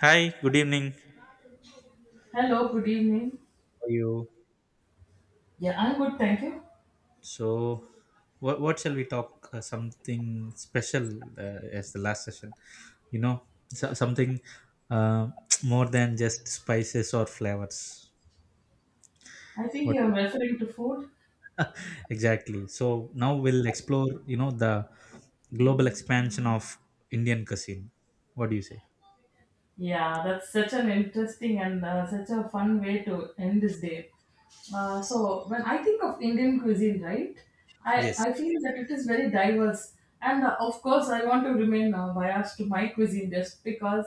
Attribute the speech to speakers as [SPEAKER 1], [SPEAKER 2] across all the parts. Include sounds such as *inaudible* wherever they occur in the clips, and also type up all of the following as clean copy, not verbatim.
[SPEAKER 1] Hi, good evening. How
[SPEAKER 2] Hello, good evening.
[SPEAKER 1] are you?
[SPEAKER 2] Yeah, I'm good, thank you.
[SPEAKER 1] So, what shall we talk? Something special as the last session, you know, so, something uh, *tsk* more than just spices or flavors.
[SPEAKER 2] I think
[SPEAKER 1] What
[SPEAKER 2] you're referring to food.
[SPEAKER 1] exactly? So now we'll explore, the global expansion of Indian cuisine. What do you say?
[SPEAKER 2] Yeah, that's such an interesting and such a fun way to end this day. So, when I think of Indian cuisine, right, I,
[SPEAKER 1] Yes.
[SPEAKER 2] I feel that it is very diverse. And of course, I want to remain biased to my cuisine just because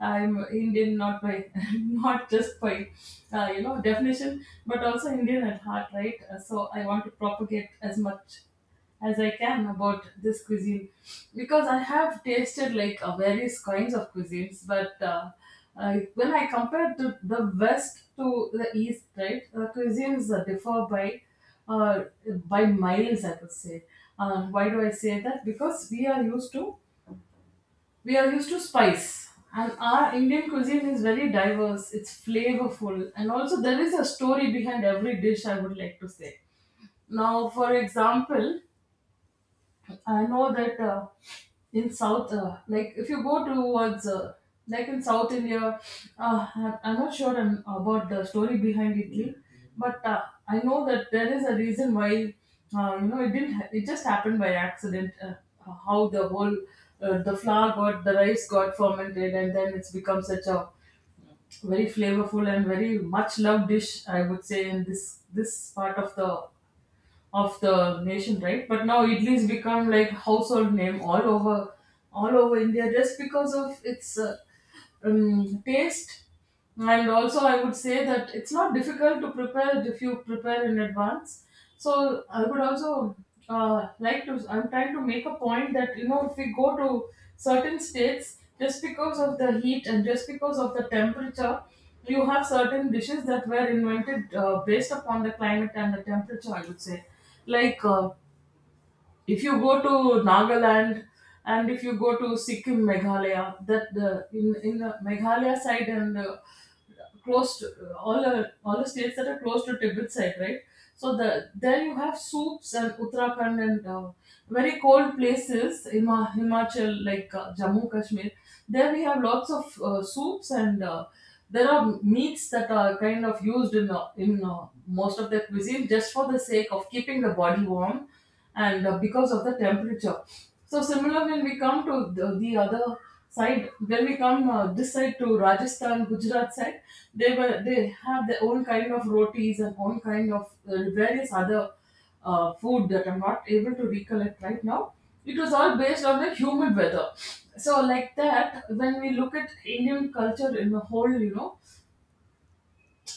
[SPEAKER 2] I'm Indian, not by, *laughs* not just by, definition, but also Indian at heart, right? So I want to propagate as much as I can about this cuisine because I have tasted like various kinds of cuisines, but when I compare to the West to the East, right, the cuisines differ uh, by miles, I would say. Why do I say that? Because we are used to spice, and our Indian cuisine is very diverse. It's flavorful, and also there is a story behind every dish, I would like to say. Now, for example, I know that in South, like if you go towards, like in South India, I'm not sure about the story behind Italy, but I know that there is a reason why, it didn't, it just happened by accident. How the whole, the rice got fermented, and then it's become such a very flavorful and very much loved dish, I would say, in this part of the nation, right? But now idli has become like household name all over India just because of its taste, and also I would say that it's not difficult to prepare if you prepare in advance. So I would also like to I'm trying to make a point that if we go to certain states, just because of the heat and just because of the temperature, you have certain dishes that were invented based upon the climate and the temperature, I would say, like if you go to Nagaland, and if you go to Sikkim, Meghalaya, that the in the Meghalaya side, and close to all the states that are close to Tibet side, right? So there you have soups, and Uttarakhand, and very cold places in Himachal, like Jammu Kashmir. There we have lots of soups, and there are meats that are kind of used in most of their cuisine just for the sake of keeping the body warm, and because of the temperature. So similar when we come to the other side, when we come this side to Rajasthan, Gujarat side, they have their own kind of rotis and own kind of various other food that I'm not able to recollect right now. It was all based on the humid weather. So like that, when we look at Indian culture in the whole, you know,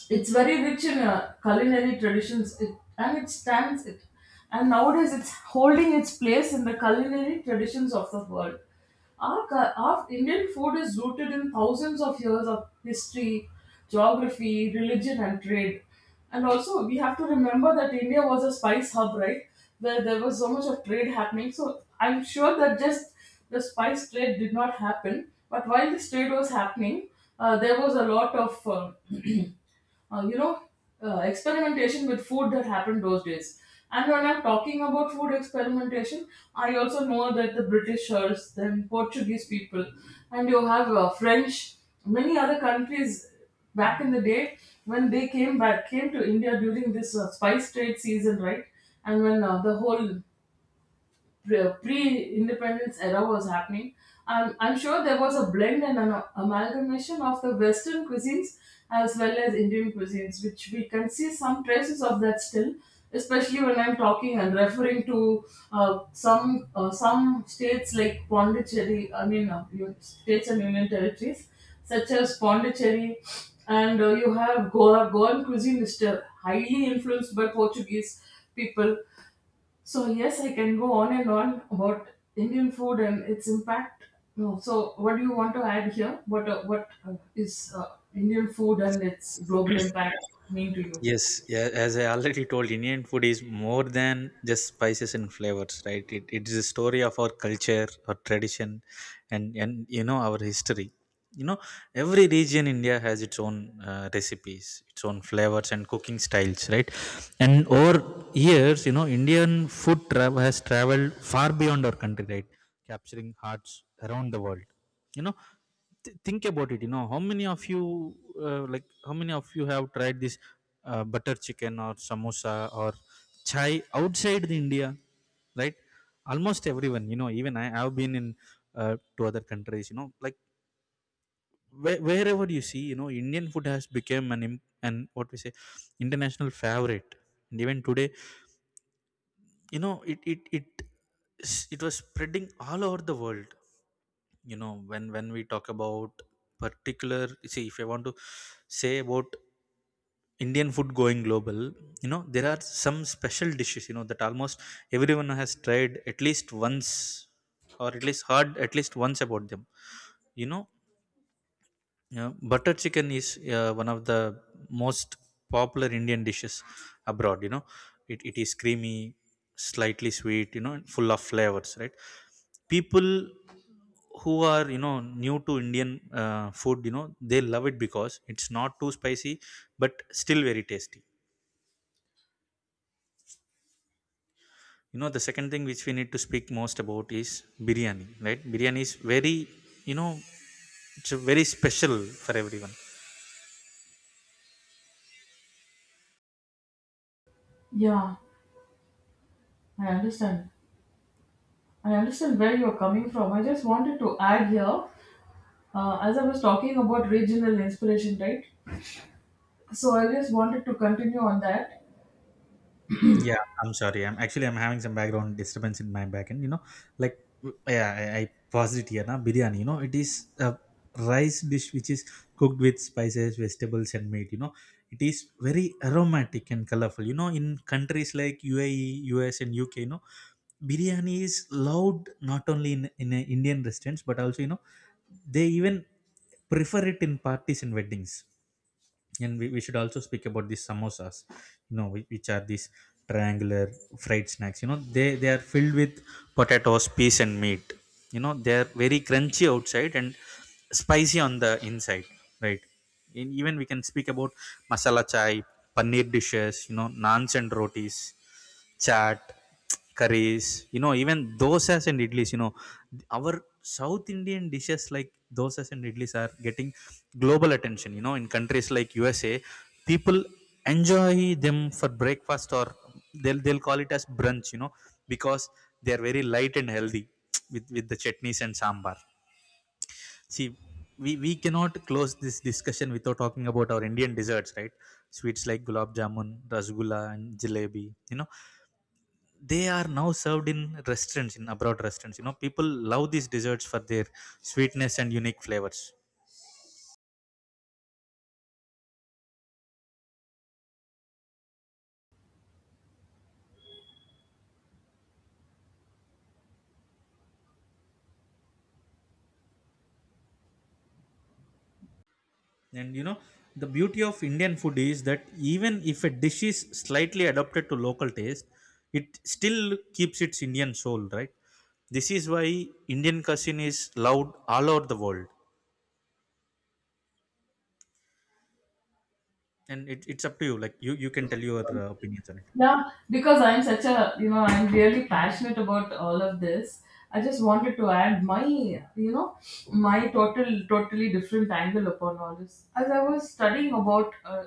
[SPEAKER 2] it's very rich in culinary traditions, and it stands it and nowadays it's holding its place in the culinary traditions of the world. Our, our Indian food is rooted in thousands of years of history, geography, religion, and trade. And also we have to remember that India was a spice hub, right? Where there was so much of trade happening. So I'm sure that just the spice trade did not happen, but while this trade was happening, there was a lot of uh, you know, experimentation with food that happened those days. And when I'm talking about food experimentation, I also know that the Britishers, then Portuguese people, and you have French, many other countries back in the day, when came to India during this spice trade season, right? And when the whole pre independence era was happening, I'm sure there was a blend and an amalgamation of the Western cuisines as well as Indian cuisines, which we can see some traces of that still, especially when I'm talking and referring to some states like Pondicherry, I mean, you states and union territories such as Pondicherry, and you have Goa. Goan cuisine is still highly influenced by Portuguese people. So yes, I can go on and on about Indian food and its impact. No, so what do you want to add here? What is Indian food and its global impact mean to you?
[SPEAKER 1] Yes, yeah, as I already told, Indian food is more than just spices and flavors, right? It is a story of our culture, our tradition, and you know, our history. You know, every region in India has its own recipes, its own flavors, and cooking styles, right? And over years, you know, Indian food travel has traveled far beyond our country, right? Capturing hearts around the world. You know, think about it. You know, how many of you like how many of you have tried this butter chicken or samosa or chai outside the India? Right, almost everyone, you know. Even I have been in to other countries, you know, like where, wherever you see, you know, Indian food has become an what we say, international favorite. And even today, you know, it was spreading all over the world. You know, when we talk about particular, see, if I want to say about Indian food going global, you know, there are some special dishes, you know, that almost everyone has tried at least once or at least heard at least once about them, you know. Yeah, butter chicken is one of the most popular Indian dishes abroad. You know, it is creamy, slightly sweet, you know, and full of flavors, right? People who are, you know, new to Indian food, you know, they love it because it's not too spicy, but still very tasty. You know, the second thing which we need to speak most about is biryani, right? Biryani is very, you know, it's a very special for everyone.
[SPEAKER 2] Yeah, I understand. I understand where you're coming from. I just wanted to add here, as I was talking about regional inspiration, right? So I just wanted to continue on that.
[SPEAKER 1] Yeah, I'm sorry. I'm actually I'm having some background disturbance in my back end. You know, like yeah, I paused it here. Now biryani. You know, it is a rice dish which is cooked with spices, vegetables, and meat. You know, it is very aromatic and colorful. You know, in countries like UAE, US, and UK, you know, biryani is loved not only in Indian restaurants, but also, you know, they even prefer it in parties and weddings. And we should also speak about these samosas, you know, which are these triangular fried snacks. You know, they are filled with potatoes, peas, and meat. You know, they are very crunchy outside and spicy on the inside, right? And even we can speak about masala chai, paneer dishes, you know, naans and rotis, chaat, curries, you know, even dosas and idlis. You know, our South Indian dishes like dosas and idlis are getting global attention. You know, in countries like USA, people enjoy them for breakfast or they'll call it as brunch, you know, because they are very light and healthy, with the chutneys and sambar. See, we cannot close this discussion without talking about our Indian desserts, right? Sweets like gulab jamun, rasgulla, and jalebi, you know, they are now served in restaurants in abroad restaurants. You know, people love these desserts for their sweetness and unique flavors. And you know, the beauty of Indian food is that even if a dish is slightly adapted to local taste, it still keeps its Indian soul, right? This is why Indian cuisine is loved all over the world. And it's up to you, like you can tell your opinions on it.
[SPEAKER 2] Yeah, because I'm such a, I'm really passionate about all of this. I just wanted to add my, my totally different angle upon all this. As I was studying about, uh,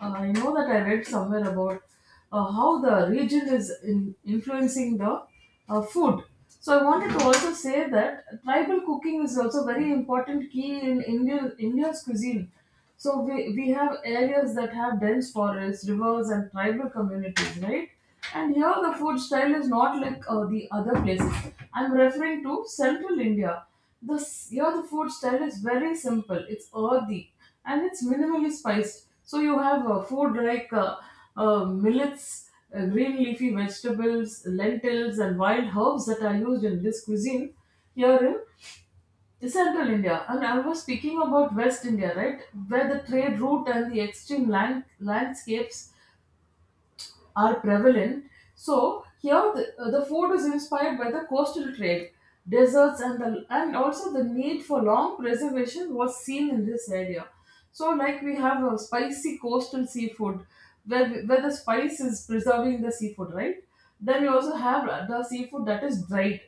[SPEAKER 2] uh, I know that I read somewhere about how the region is in influencing the food. So I wanted to also say that tribal cooking is also very important key in Indian India's cuisine. So we have areas that have dense forests, rivers, and tribal communities, right? And here the food style is not like the other places. I'm referring to central India. The, Here the food style is very simple. It's earthy, and it's minimally spiced. So you have food like millets, green leafy vegetables, lentils, and wild herbs that are used in this cuisine here in Central India. And I was speaking about West India, right? Where the trade route and the extreme landscapes are prevalent. So here the food is inspired by the coastal trade, deserts, and the and also the need for long preservation was seen in this area. So like we have a spicy coastal seafood, where the spice is preserving the seafood, right? Then we also have the seafood that is dried,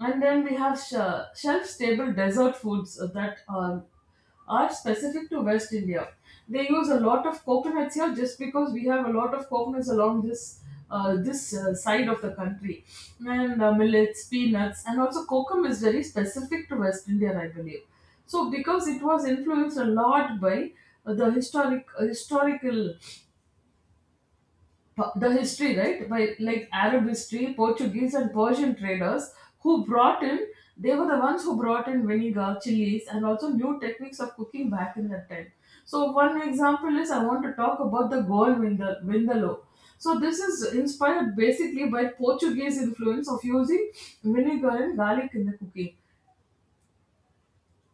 [SPEAKER 2] and then we have shelf stable desert foods that are specific to West India. They use a lot of coconuts here just because we have a lot of coconuts along this side of the country, and millets, peanuts, and also kokum is very specific to West India, I believe. So because it was influenced a lot by the the history, right? By like Arab history, Portuguese and Persian traders who brought in, they were the ones who brought in vinegar, chilies, and also new techniques of cooking back in that time. So one example is I want to talk about the gold vindaloo. So this is inspired basically by Portuguese influence of using vinegar and garlic in the cooking.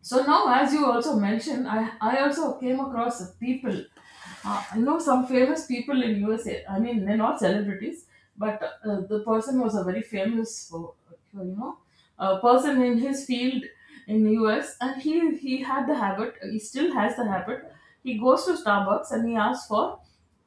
[SPEAKER 2] So now, as you also mentioned, I also came across a people. I know some famous people in USA. I mean, they're not celebrities, but the person was a very famous, for, you know, person in his field in US, and he had the habit. He still has the habit. He goes to Starbucks and he asks for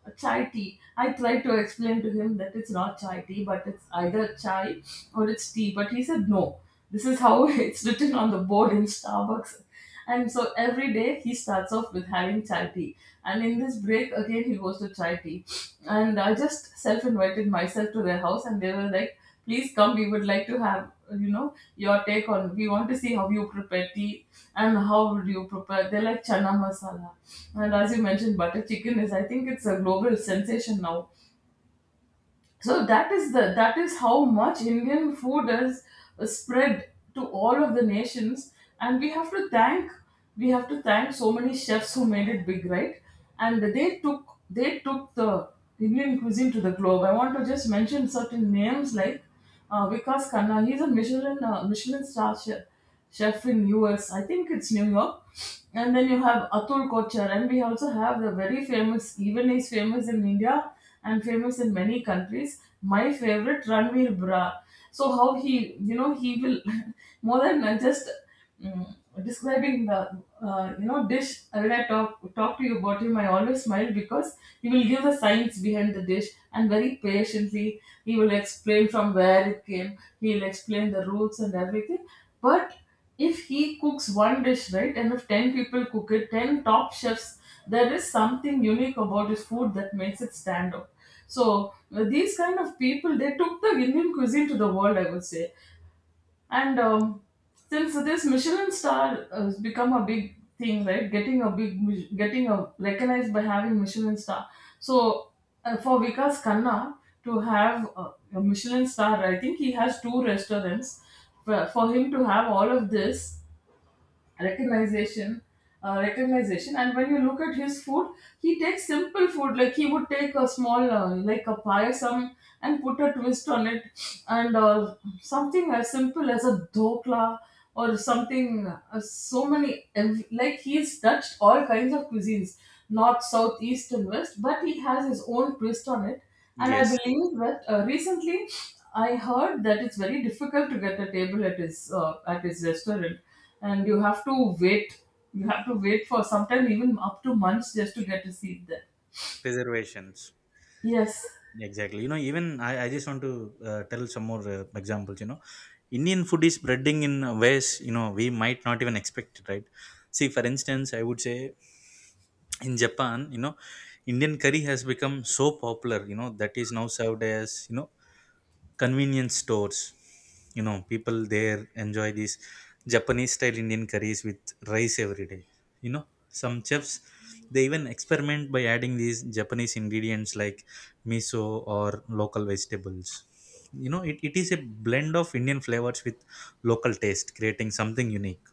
[SPEAKER 2] a chai tea. I tried to explain to him that it's not chai tea, but it's either chai or it's tea. But he said, no, this is how *laughs* it's written on the board in Starbucks. And so every day he starts off with having chai tea. And in this break, again, he goes to chai tea. And I just self invited myself to their house, and they were like, please come, we would like to have your take on, we want to see how you prepare tea, and how would you prepare, they like chana masala. And as you mentioned, butter chicken is, I think it's a global sensation now. So that is the that is how much Indian food is spread to all of the nations. And we have to thank so many chefs who made it big, right? And they took the Indian cuisine to the globe. I want to just mention certain names like Vikas Khanna. He's a Michelin Michelin star chef in U. S. I think it's New York. And then you have Atul Kochar, and we also have the very famous, even he's famous in India and famous in many countries, my favorite, Ranveer Bra. So how he will *laughs* more than just mm, describing the, dish. When I talk to you about him, I always smile because he will give the science behind the dish, and very patiently he will explain from where it came. He'll explain the roots and everything but if he cooks one dish, right, and if 10 people cook it, 10 top chefs, there is something unique about his food that makes it stand out. So, these kind of people, they took the Indian cuisine to the world, I would say. And since this Michelin star has become a big thing, right? Getting a big, getting a recognized by having Michelin star. So for Vikas Khanna to have a Michelin star, I think he has two restaurants. For him to have all of this, recognition recognition. And when you look at his food, he takes simple food like he would take a small like a payasam and put a twist on it and something as simple as a dokla or something like he's touched all kinds of cuisines, north south east and west, but he has his own twist on it. And I
[SPEAKER 1] Yes.
[SPEAKER 2] believe that recently I heard that it's very difficult to get a table at his restaurant and you have to wait. You have to wait for sometimes even up to months just to get a seat there.
[SPEAKER 1] Reservations.
[SPEAKER 2] Yes.
[SPEAKER 1] Exactly. You know, even I just want to tell some more examples. You know, Indian food is spreading in ways, you know, we might not even expect it, right? See, for instance, I would say in Japan, you know, Indian curry has become so popular, you know, that is now served as, you know, convenience stores. You know, people there enjoy these Japanese style Indian curries with rice every day. You know, some chefs, they even experiment by adding these Japanese ingredients like miso or local vegetables. You know, it is a blend of Indian flavors with local taste, creating something unique.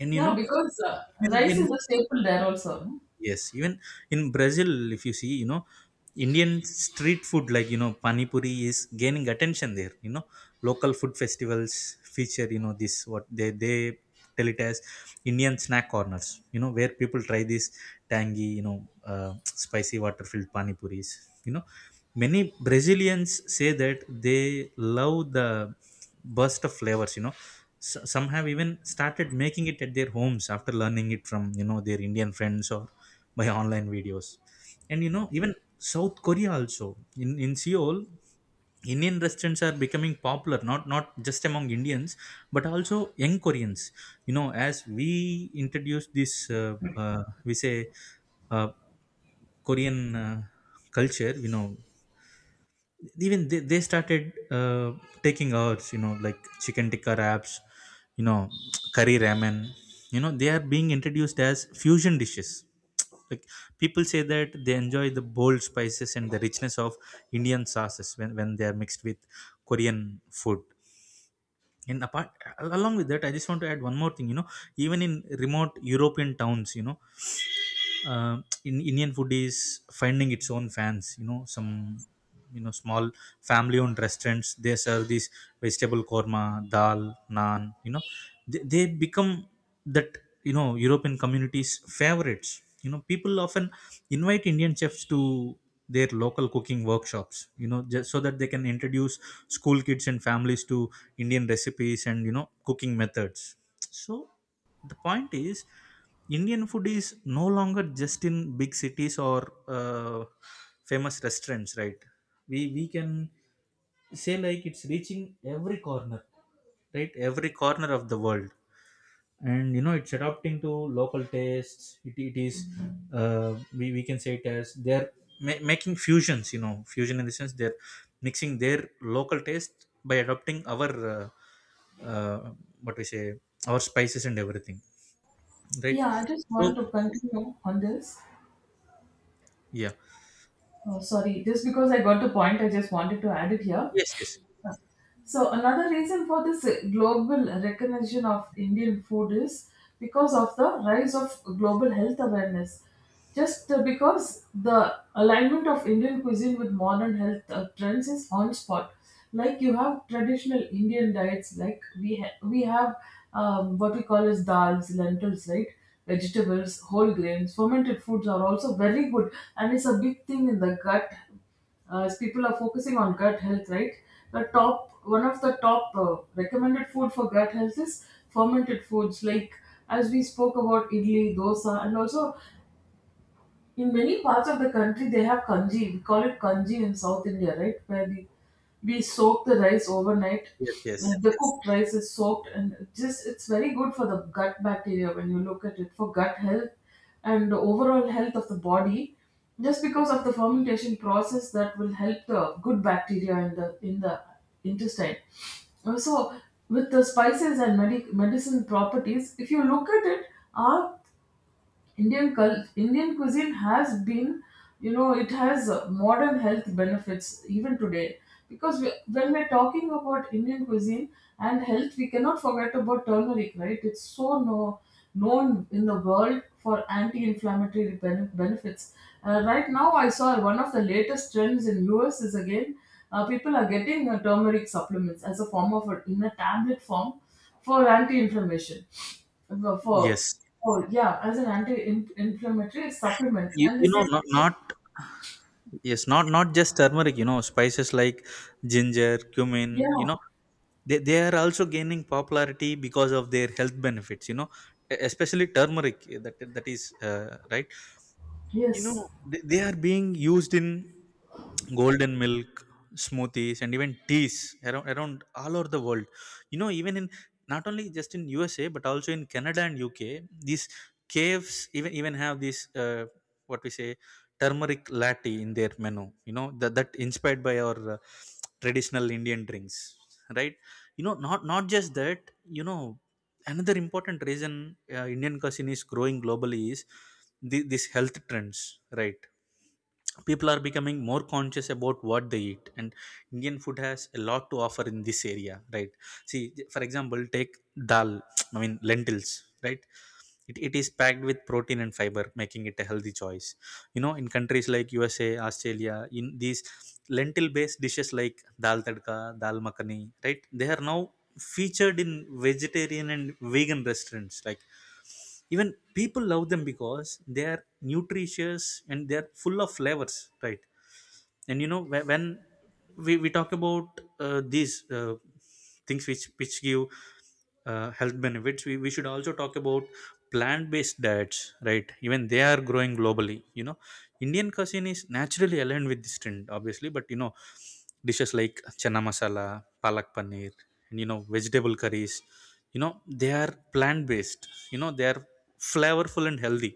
[SPEAKER 1] And you
[SPEAKER 2] Yeah,
[SPEAKER 1] know,
[SPEAKER 2] because
[SPEAKER 1] even
[SPEAKER 2] rice
[SPEAKER 1] in,
[SPEAKER 2] is a staple there also, no?
[SPEAKER 1] yes, even in Brazil, if you see, you know, Indian street food like you know pani puri is gaining attention there. You know, local food festivals feature, you know, this what they tell it as Indian snack corners. You know, where people try these tangy, you know, spicy water filled pani puris. You know, many Brazilians say that they love the burst of flavors. You know, some have even started making it at their homes after learning it from, you know, their Indian friends or *laughs* by online videos. And you know, even South Korea, also in Seoul, Indian restaurants are becoming popular, not just among Indians, but also young Koreans. You know, as we introduce this we say uh, Korean culture, you know, even they started taking ours, you know, like chicken tikka wraps, you know, *tsk* curry ramen. You know, they are being introduced as fusion dishes, like people say that they enjoy the bold spices and the richness of Indian sauces when they are mixed with Korean food. And apart, along with that, I just want to add one more thing. You know, even in remote European towns, you know, in Indian food is finding its own fans. You know, some, you know, small family-owned restaurants, they serve this vegetable korma, dal, naan. You know, they become that, you know, European communities' favorites. You know, people often invite Indian chefs to their local cooking workshops. You know, just so that they can introduce school kids and families to Indian recipes and, you know, cooking methods. So the point is, Indian food is no longer just in big cities or uh, famous restaurants, right? We can say like it's reaching every corner, right? Every corner of the world. And you know, it's adapting to local tastes. It is uh, we can say it as they're making fusions. You know, fusion in the sense they're mixing their local taste by adopting our uh, uh, what we say, our spices and everything, right?
[SPEAKER 2] Yeah, I just
[SPEAKER 1] So,
[SPEAKER 2] want to continue on this.
[SPEAKER 1] yeah.
[SPEAKER 2] Oh, sorry, just because I got the point, I just wanted to add it here.
[SPEAKER 1] Yes, yes,
[SPEAKER 2] So another reason for this global recognition of Indian food is because of the rise of global health awareness. Just because the alignment of Indian cuisine with modern health trends is on spot. Like you have traditional Indian diets, like we have what we call as dals, lentils, right? Vegetables, whole grains, fermented foods are also very good, and it's a big thing in the gut as people are focusing on gut health, right? The top one of the top recommended food for gut health is fermented foods, like as we spoke about idli, dosa, and also in many parts of the country they have kanji. We call it kanji in South India, right? Where we soak the rice overnight.
[SPEAKER 1] yes, yes,
[SPEAKER 2] The cooked rice is soaked and just it's very good for the gut bacteria when you look at it for gut health and the overall health of the body. Just because of the fermentation process that will help the good bacteria in the intestine. So with the spices and medicine properties, if you look at it, our Indian cuisine has been, you know, it has modern health benefits even today. Because we, when we're talking about Indian cuisine and health, we cannot forget about turmeric, right? It's so no, known in the world for anti-inflammatory benefits. Right now, I saw one of the latest trends in US is again people are getting turmeric supplements as a form of in a tablet form for anti-inflammation, for.
[SPEAKER 1] yes.
[SPEAKER 2] Oh, yeah, as an anti-inflammatory supplement,
[SPEAKER 1] you,
[SPEAKER 2] and the
[SPEAKER 1] you know
[SPEAKER 2] same.
[SPEAKER 1] not, not yes, not not just turmeric, you know, spices like ginger, cumin,
[SPEAKER 2] Yeah,
[SPEAKER 1] you know, they are also gaining popularity because of their health benefits. You know, especially turmeric, that is right. You
[SPEAKER 2] yes,
[SPEAKER 1] know, they are being used in golden milk, smoothies, and even teas, around all over the world. You know, even in, not only just in USA, but also in Canada and UK, these caves even have this uh, what we say, turmeric latte in their menu. You know, that that inspired by our traditional Indian drinks, right? You know, not just that, you know, another important reason Indian cuisine is growing globally is this health trends, right? People are becoming more conscious about what they eat, and Indian food has a lot to offer in this area, right? See, for example, take dal, *tsk* I mean lentils, right? It is packed with protein and fiber, making it a healthy choice. You know, in countries like USA, Australia, in these lentil based dishes like dal tadka, dal makhani, right, they are now featured in vegetarian and vegan restaurants. Like, even people love them because they are nutritious and they are full of flavors, right? And you know, when we talk about these things which give health benefits, we should also talk about plant-based diets, right? Even they are growing globally. You know, Indian cuisine is naturally aligned with this trend, obviously. But you know, dishes like chana masala, palak paneer, and you know, vegetable curries, you know, they are plant-based. You know, they are flavorful and healthy.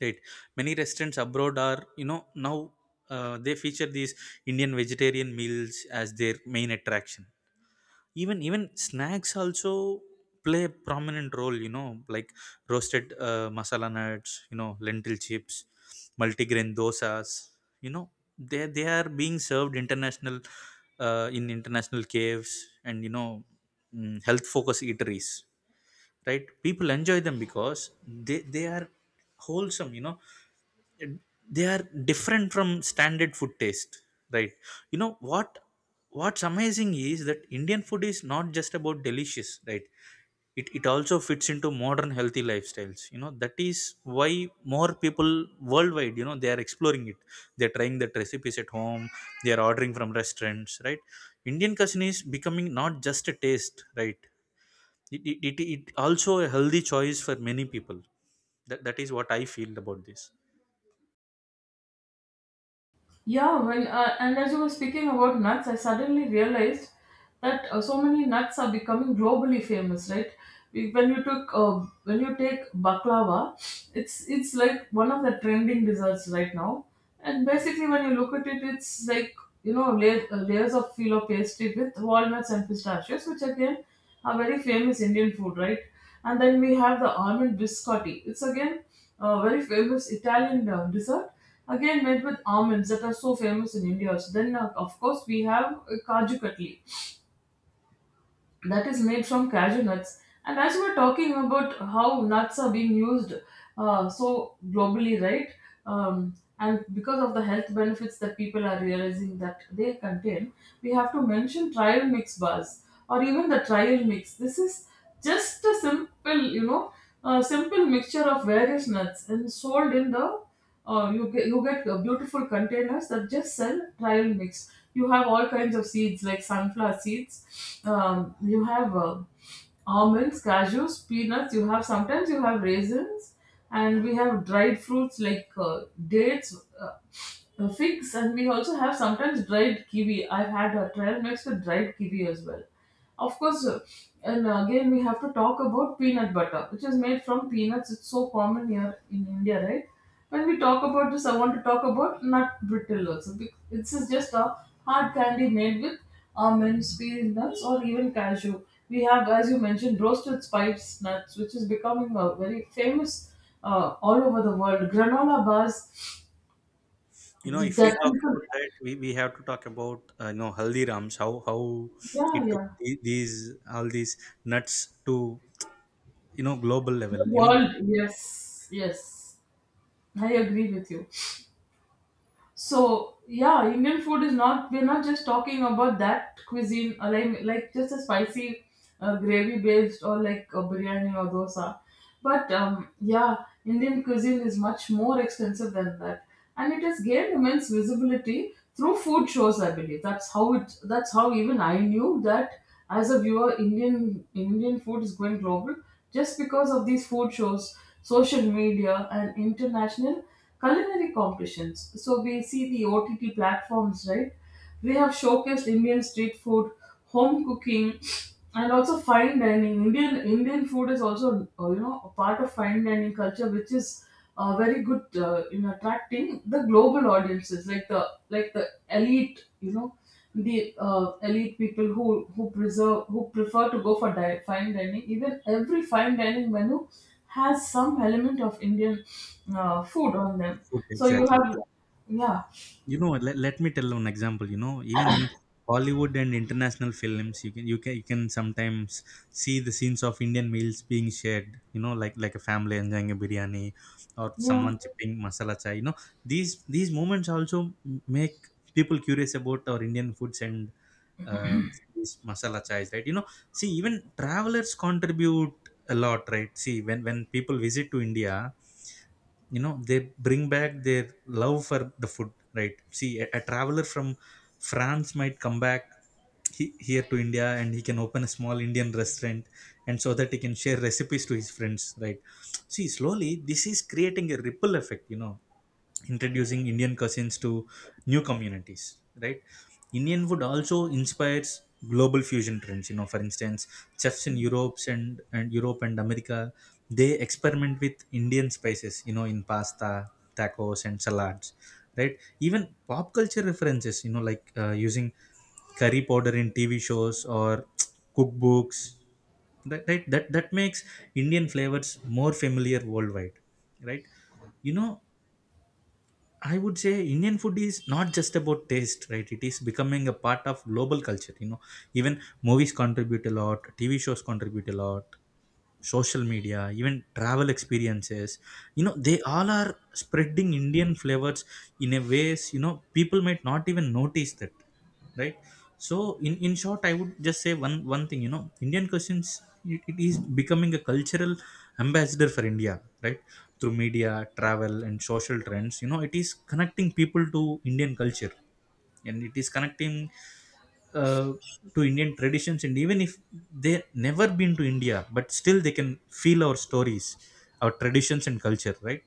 [SPEAKER 1] Right. Many restaurants abroad are, you know, now they feature these Indian vegetarian meals as their main attraction. Even even snacks also play a prominent role. You know, like roasted masala nuts, you know, lentil chips, multigrain dosas. You know, they are being served international in international caves and you know, health focused eateries. Right. People enjoy them because they are wholesome. You know they are different from standard food taste, right? you know what what's amazing is that Indian food is not just about delicious, right? It also fits into modern healthy lifestyles. You know that is why more people worldwide, you know, they are exploring it. They're trying that recipes at home. They are ordering from restaurants, right? Indian cuisine is becoming not just a taste, right? It also a healthy choice for many people. That is what I feel about this.
[SPEAKER 2] yeah. When and as you were speaking about nuts, I suddenly realized that so many nuts are becoming globally famous, right? When you take baklava, it's like one of the trending desserts right now. And basically, when you look at it, it's like you know layers of filo pastry with walnuts and pistachios, which again are very famous Indian food, right? And then we have the almond biscotti. It's again a very famous Italian dessert, again made with almonds that are so famous in India. So then, of course, we have Kaju Katli that is made from cashew nuts. And as we are talking about how nuts are being used so globally, right? And because of the health benefits that people are realizing that they contain, we have to mention trial mix bars or even the trial mix. This is just a simple, you know, a simple mixture of various nuts and sold in the you get beautiful containers that just sell trial mix. You have all kinds of seeds like sunflower seeds. You have almonds, cashews, peanuts. You have sometimes you have raisins, and we have dried fruits like dates. Figs, and we also have sometimes dried kiwi. I've had a trail mix with dried kiwi as well. Of course, and again, we have to talk about peanut butter, which is made from peanuts. It's so common here in India, right? When we talk about this, I want to talk about nut brittle also. This is just a hard candy made with almonds, peas, nuts, or even cashew. We have, as you mentioned, roasted spice nuts, which is becoming a very famous all over the world. Granola bars
[SPEAKER 1] You know, if we
[SPEAKER 2] that
[SPEAKER 1] talk
[SPEAKER 2] people.
[SPEAKER 1] about that, we have to talk about you know Haldirams, how
[SPEAKER 2] Yeah,
[SPEAKER 1] it took
[SPEAKER 2] yeah.
[SPEAKER 1] these all these nuts to, you know, global
[SPEAKER 2] The
[SPEAKER 1] level. You know,
[SPEAKER 2] world,
[SPEAKER 1] the
[SPEAKER 2] yes, yes. I agree with you. So yeah, Indian food is not, we're not just talking about that cuisine or like just a spicy gravy based or like a biryani or dosa, but yeah, Indian cuisine is much more extensive than that, and it has gained immense visibility through food shows. I believe that's how it. That's how even I knew that as a viewer, Indian food is going global just because of these food shows, social media, and international culinary competitions. So we see the OTT platforms, right? They have showcased Indian street food, home cooking, and also fine dining. Indian food is also you know a part of fine dining culture, which is very good in attracting the global audiences, like the elite, you know, the elite people who preserve who prefer to go for fine dining. Even every fine dining menu has some element of Indian food on them.
[SPEAKER 1] food
[SPEAKER 2] So you
[SPEAKER 1] exactly.
[SPEAKER 2] have, yeah,
[SPEAKER 1] You know, let me tell an example. You know, even in Hollywood and international films, you can sometimes see the scenes of Indian meals being shared, you know, like a family enjoying a biryani or
[SPEAKER 2] yeah.
[SPEAKER 1] someone chipping masala chai. You know, these these moments also make people curious about our Indian foods and uh, these masala chais, right? You know, see, even travelers contribute a lot, right? See, when people visit to India, you know, they bring back their love for the food, right? See, a traveler from France might come back, here to India, and he can open a small Indian restaurant and so that he can share recipes to his friends, right? See, slowly this is creating a ripple effect, you know, introducing Indian cuisines to new communities, right? Indian food also inspires global fusion trends. You know, for instance, chefs in Europe and Europe and America, they experiment with Indian spices, you know, in pasta, tacos and salads, right? Even pop culture references, you know, like using curry powder in TV shows or *tsk* cookbooks. That, right, that makes Indian flavors more familiar worldwide, right? You know, I would say Indian food is not just about taste, right? It is becoming a part of global culture. You know, even movies contribute a lot, TV shows contribute a lot, social media, even travel experiences, you know, they all are spreading Indian flavors in a ways, you know, people might not even notice that, right? So, in short, I would just say one thing. You know, Indian cuisines, it is becoming a cultural ambassador for India, right? Through media, travel and social trends, you know, it is connecting people to Indian culture, and it is connecting uh, to Indian traditions, and even if they never been to India, but still they can feel our stories, our traditions and culture, right?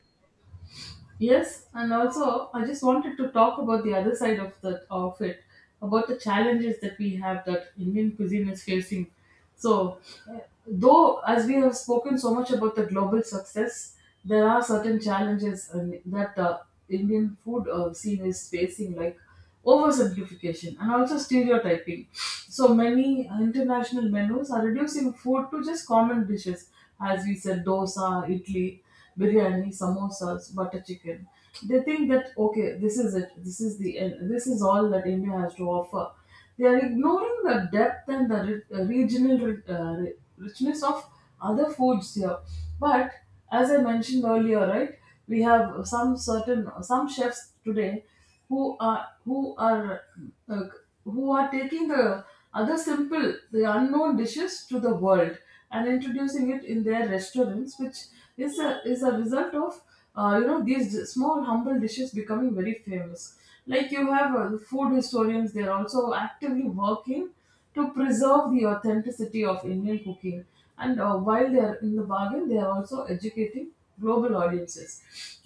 [SPEAKER 2] Yes, and also I just wanted to talk about the other side of that of it, about the challenges that we have that Indian cuisine is facing. So, uh, though as we have spoken so much about the global success, there are certain challenges and that Indian food scene is facing, like oversimplification and also stereotyping. So many international menus are reducing food to just common dishes, as we said, dosa, idli, biryani, samosas, butter chicken. They think that okay, this is it. This is the end. This is all that India has to offer. They are ignoring the depth and the richness of other foods here. But as I mentioned earlier, right, we have some certain some chefs today who are who are uh, who are taking the other simple, the unknown dishes to the world and introducing it in their restaurants, which is a result of you know these small humble dishes becoming very famous. Like you have food historians, they're also actively working to preserve the authenticity of Indian cooking. And while they're in the bargain, they are also educating global audiences.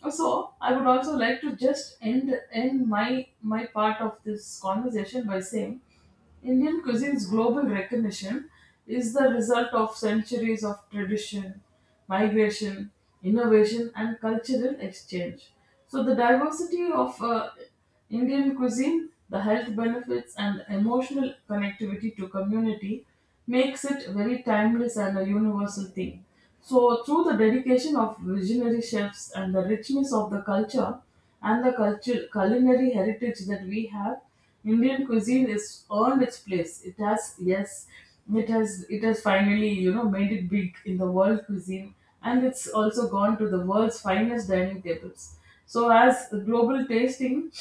[SPEAKER 2] So I would also like to just end my part of this conversation by saying Indian cuisine's global recognition is the result of centuries of tradition, migration, innovation, and cultural exchange. So, the diversity of Indian cuisine, the health benefits, and emotional connectivity to community makes it very timeless and a universal thing. So, through the dedication of visionary chefs and the richness of the culture and culinary heritage that we have, Indian cuisine is earned its place. It has yes, it has finally you know made it big in the world cuisine, and it's also gone to the world's finest dining tables. So as global tasting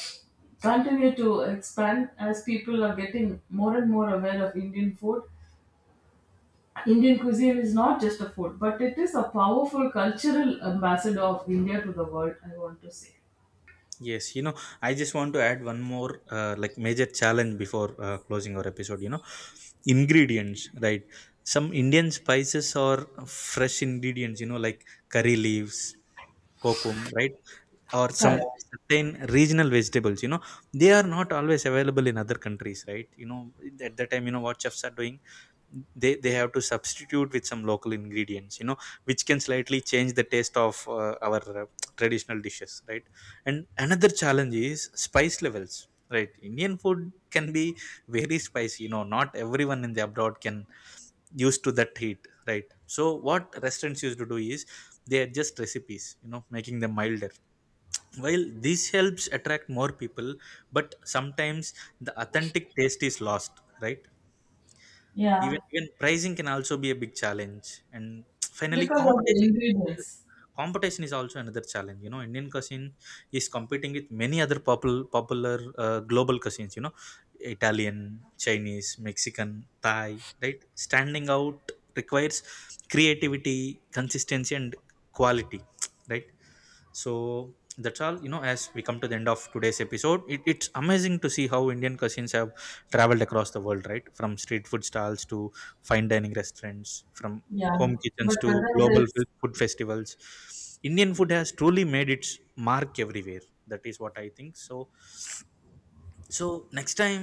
[SPEAKER 2] continue to expand, as people are getting more and more aware of Indian food, Indian cuisine is not just a food, but it is a powerful cultural ambassador of India to the world. I want to say
[SPEAKER 1] Yes, you know, I just want to add one more like major challenge before closing our episode. You know, ingredients, right? Some Indian spices or fresh ingredients, you know, like curry leaves, kokum, right? Or some
[SPEAKER 2] correct.
[SPEAKER 1] certain regional vegetables, you know, they are not always available in other countries, right? You know, at that time, you know what chefs are doing, they have to substitute with some local ingredients, you know, which can slightly change the taste of our traditional dishes, right? And another challenge is spice levels, right? Indian food can be very spicy, you know, not everyone in the abroad can used to that heat, right? So what restaurants used to do is they adjust recipes, you know, making them milder. While this helps attract more people, but sometimes the authentic taste is lost, right?
[SPEAKER 2] Yeah,
[SPEAKER 1] Even pricing can also be a big challenge. And *tsk* finally,
[SPEAKER 2] because of the
[SPEAKER 1] competition. Yes.
[SPEAKER 2] ingredients.
[SPEAKER 1] Competition is also another challenge. You know, Indian cuisine is competing with many other popular global cuisines. You know, Italian, Chinese, Mexican, Thai. Right, standing out requires creativity, consistency, and quality. *tsk* Right. So that's all. You know, as we come to the end of today's episode, it's amazing to see how Indian cuisines have traveled across the world, right? From street food stalls to fine dining restaurants, from
[SPEAKER 2] Yeah,
[SPEAKER 1] home
[SPEAKER 2] but
[SPEAKER 1] kitchens to
[SPEAKER 2] whether
[SPEAKER 1] global
[SPEAKER 2] this,
[SPEAKER 1] food festivals. Indian food has truly made its mark everywhere. That is what I think. So, so next time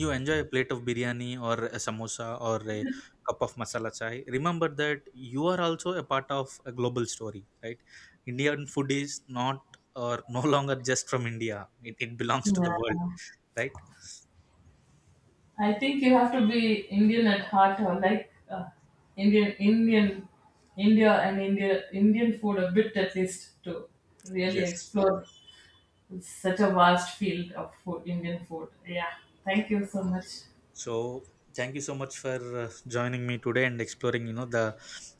[SPEAKER 1] you enjoy a plate of biryani or a samosa or a cup of masala chai, remember that you are also a part of a global story, right? Indian food is not or no longer just from India. It belongs to
[SPEAKER 2] yeah,
[SPEAKER 1] the world, right?
[SPEAKER 2] I think you have to be Indian at heart, or like Indian, Indian, India, and Indian food a bit at least to really
[SPEAKER 1] Yes.
[SPEAKER 2] explore such a vast field of food, Indian food. Yeah, thank you so much.
[SPEAKER 1] So thank you so much for joining me today and exploring, you know, the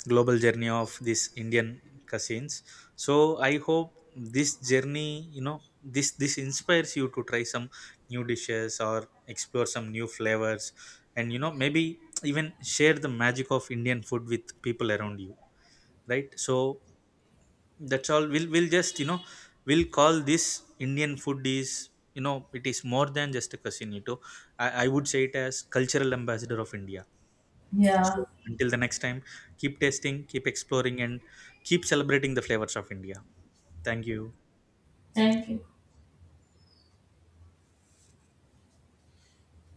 [SPEAKER 1] global journey of this Indian cuisines. So I hope this journey, you know, this inspires you to try some new dishes or explore some new flavors, and you know maybe even share the magic of Indian food with people around you, right? So that's all. We'll just, you know, we'll call this Indian food is, you know, it is more than just a cuisine. I would say it as cultural ambassador of India.
[SPEAKER 2] Yeah,
[SPEAKER 1] So until the next time, keep tasting, keep exploring and keep celebrating the flavors of India. Thank you.
[SPEAKER 2] thank you.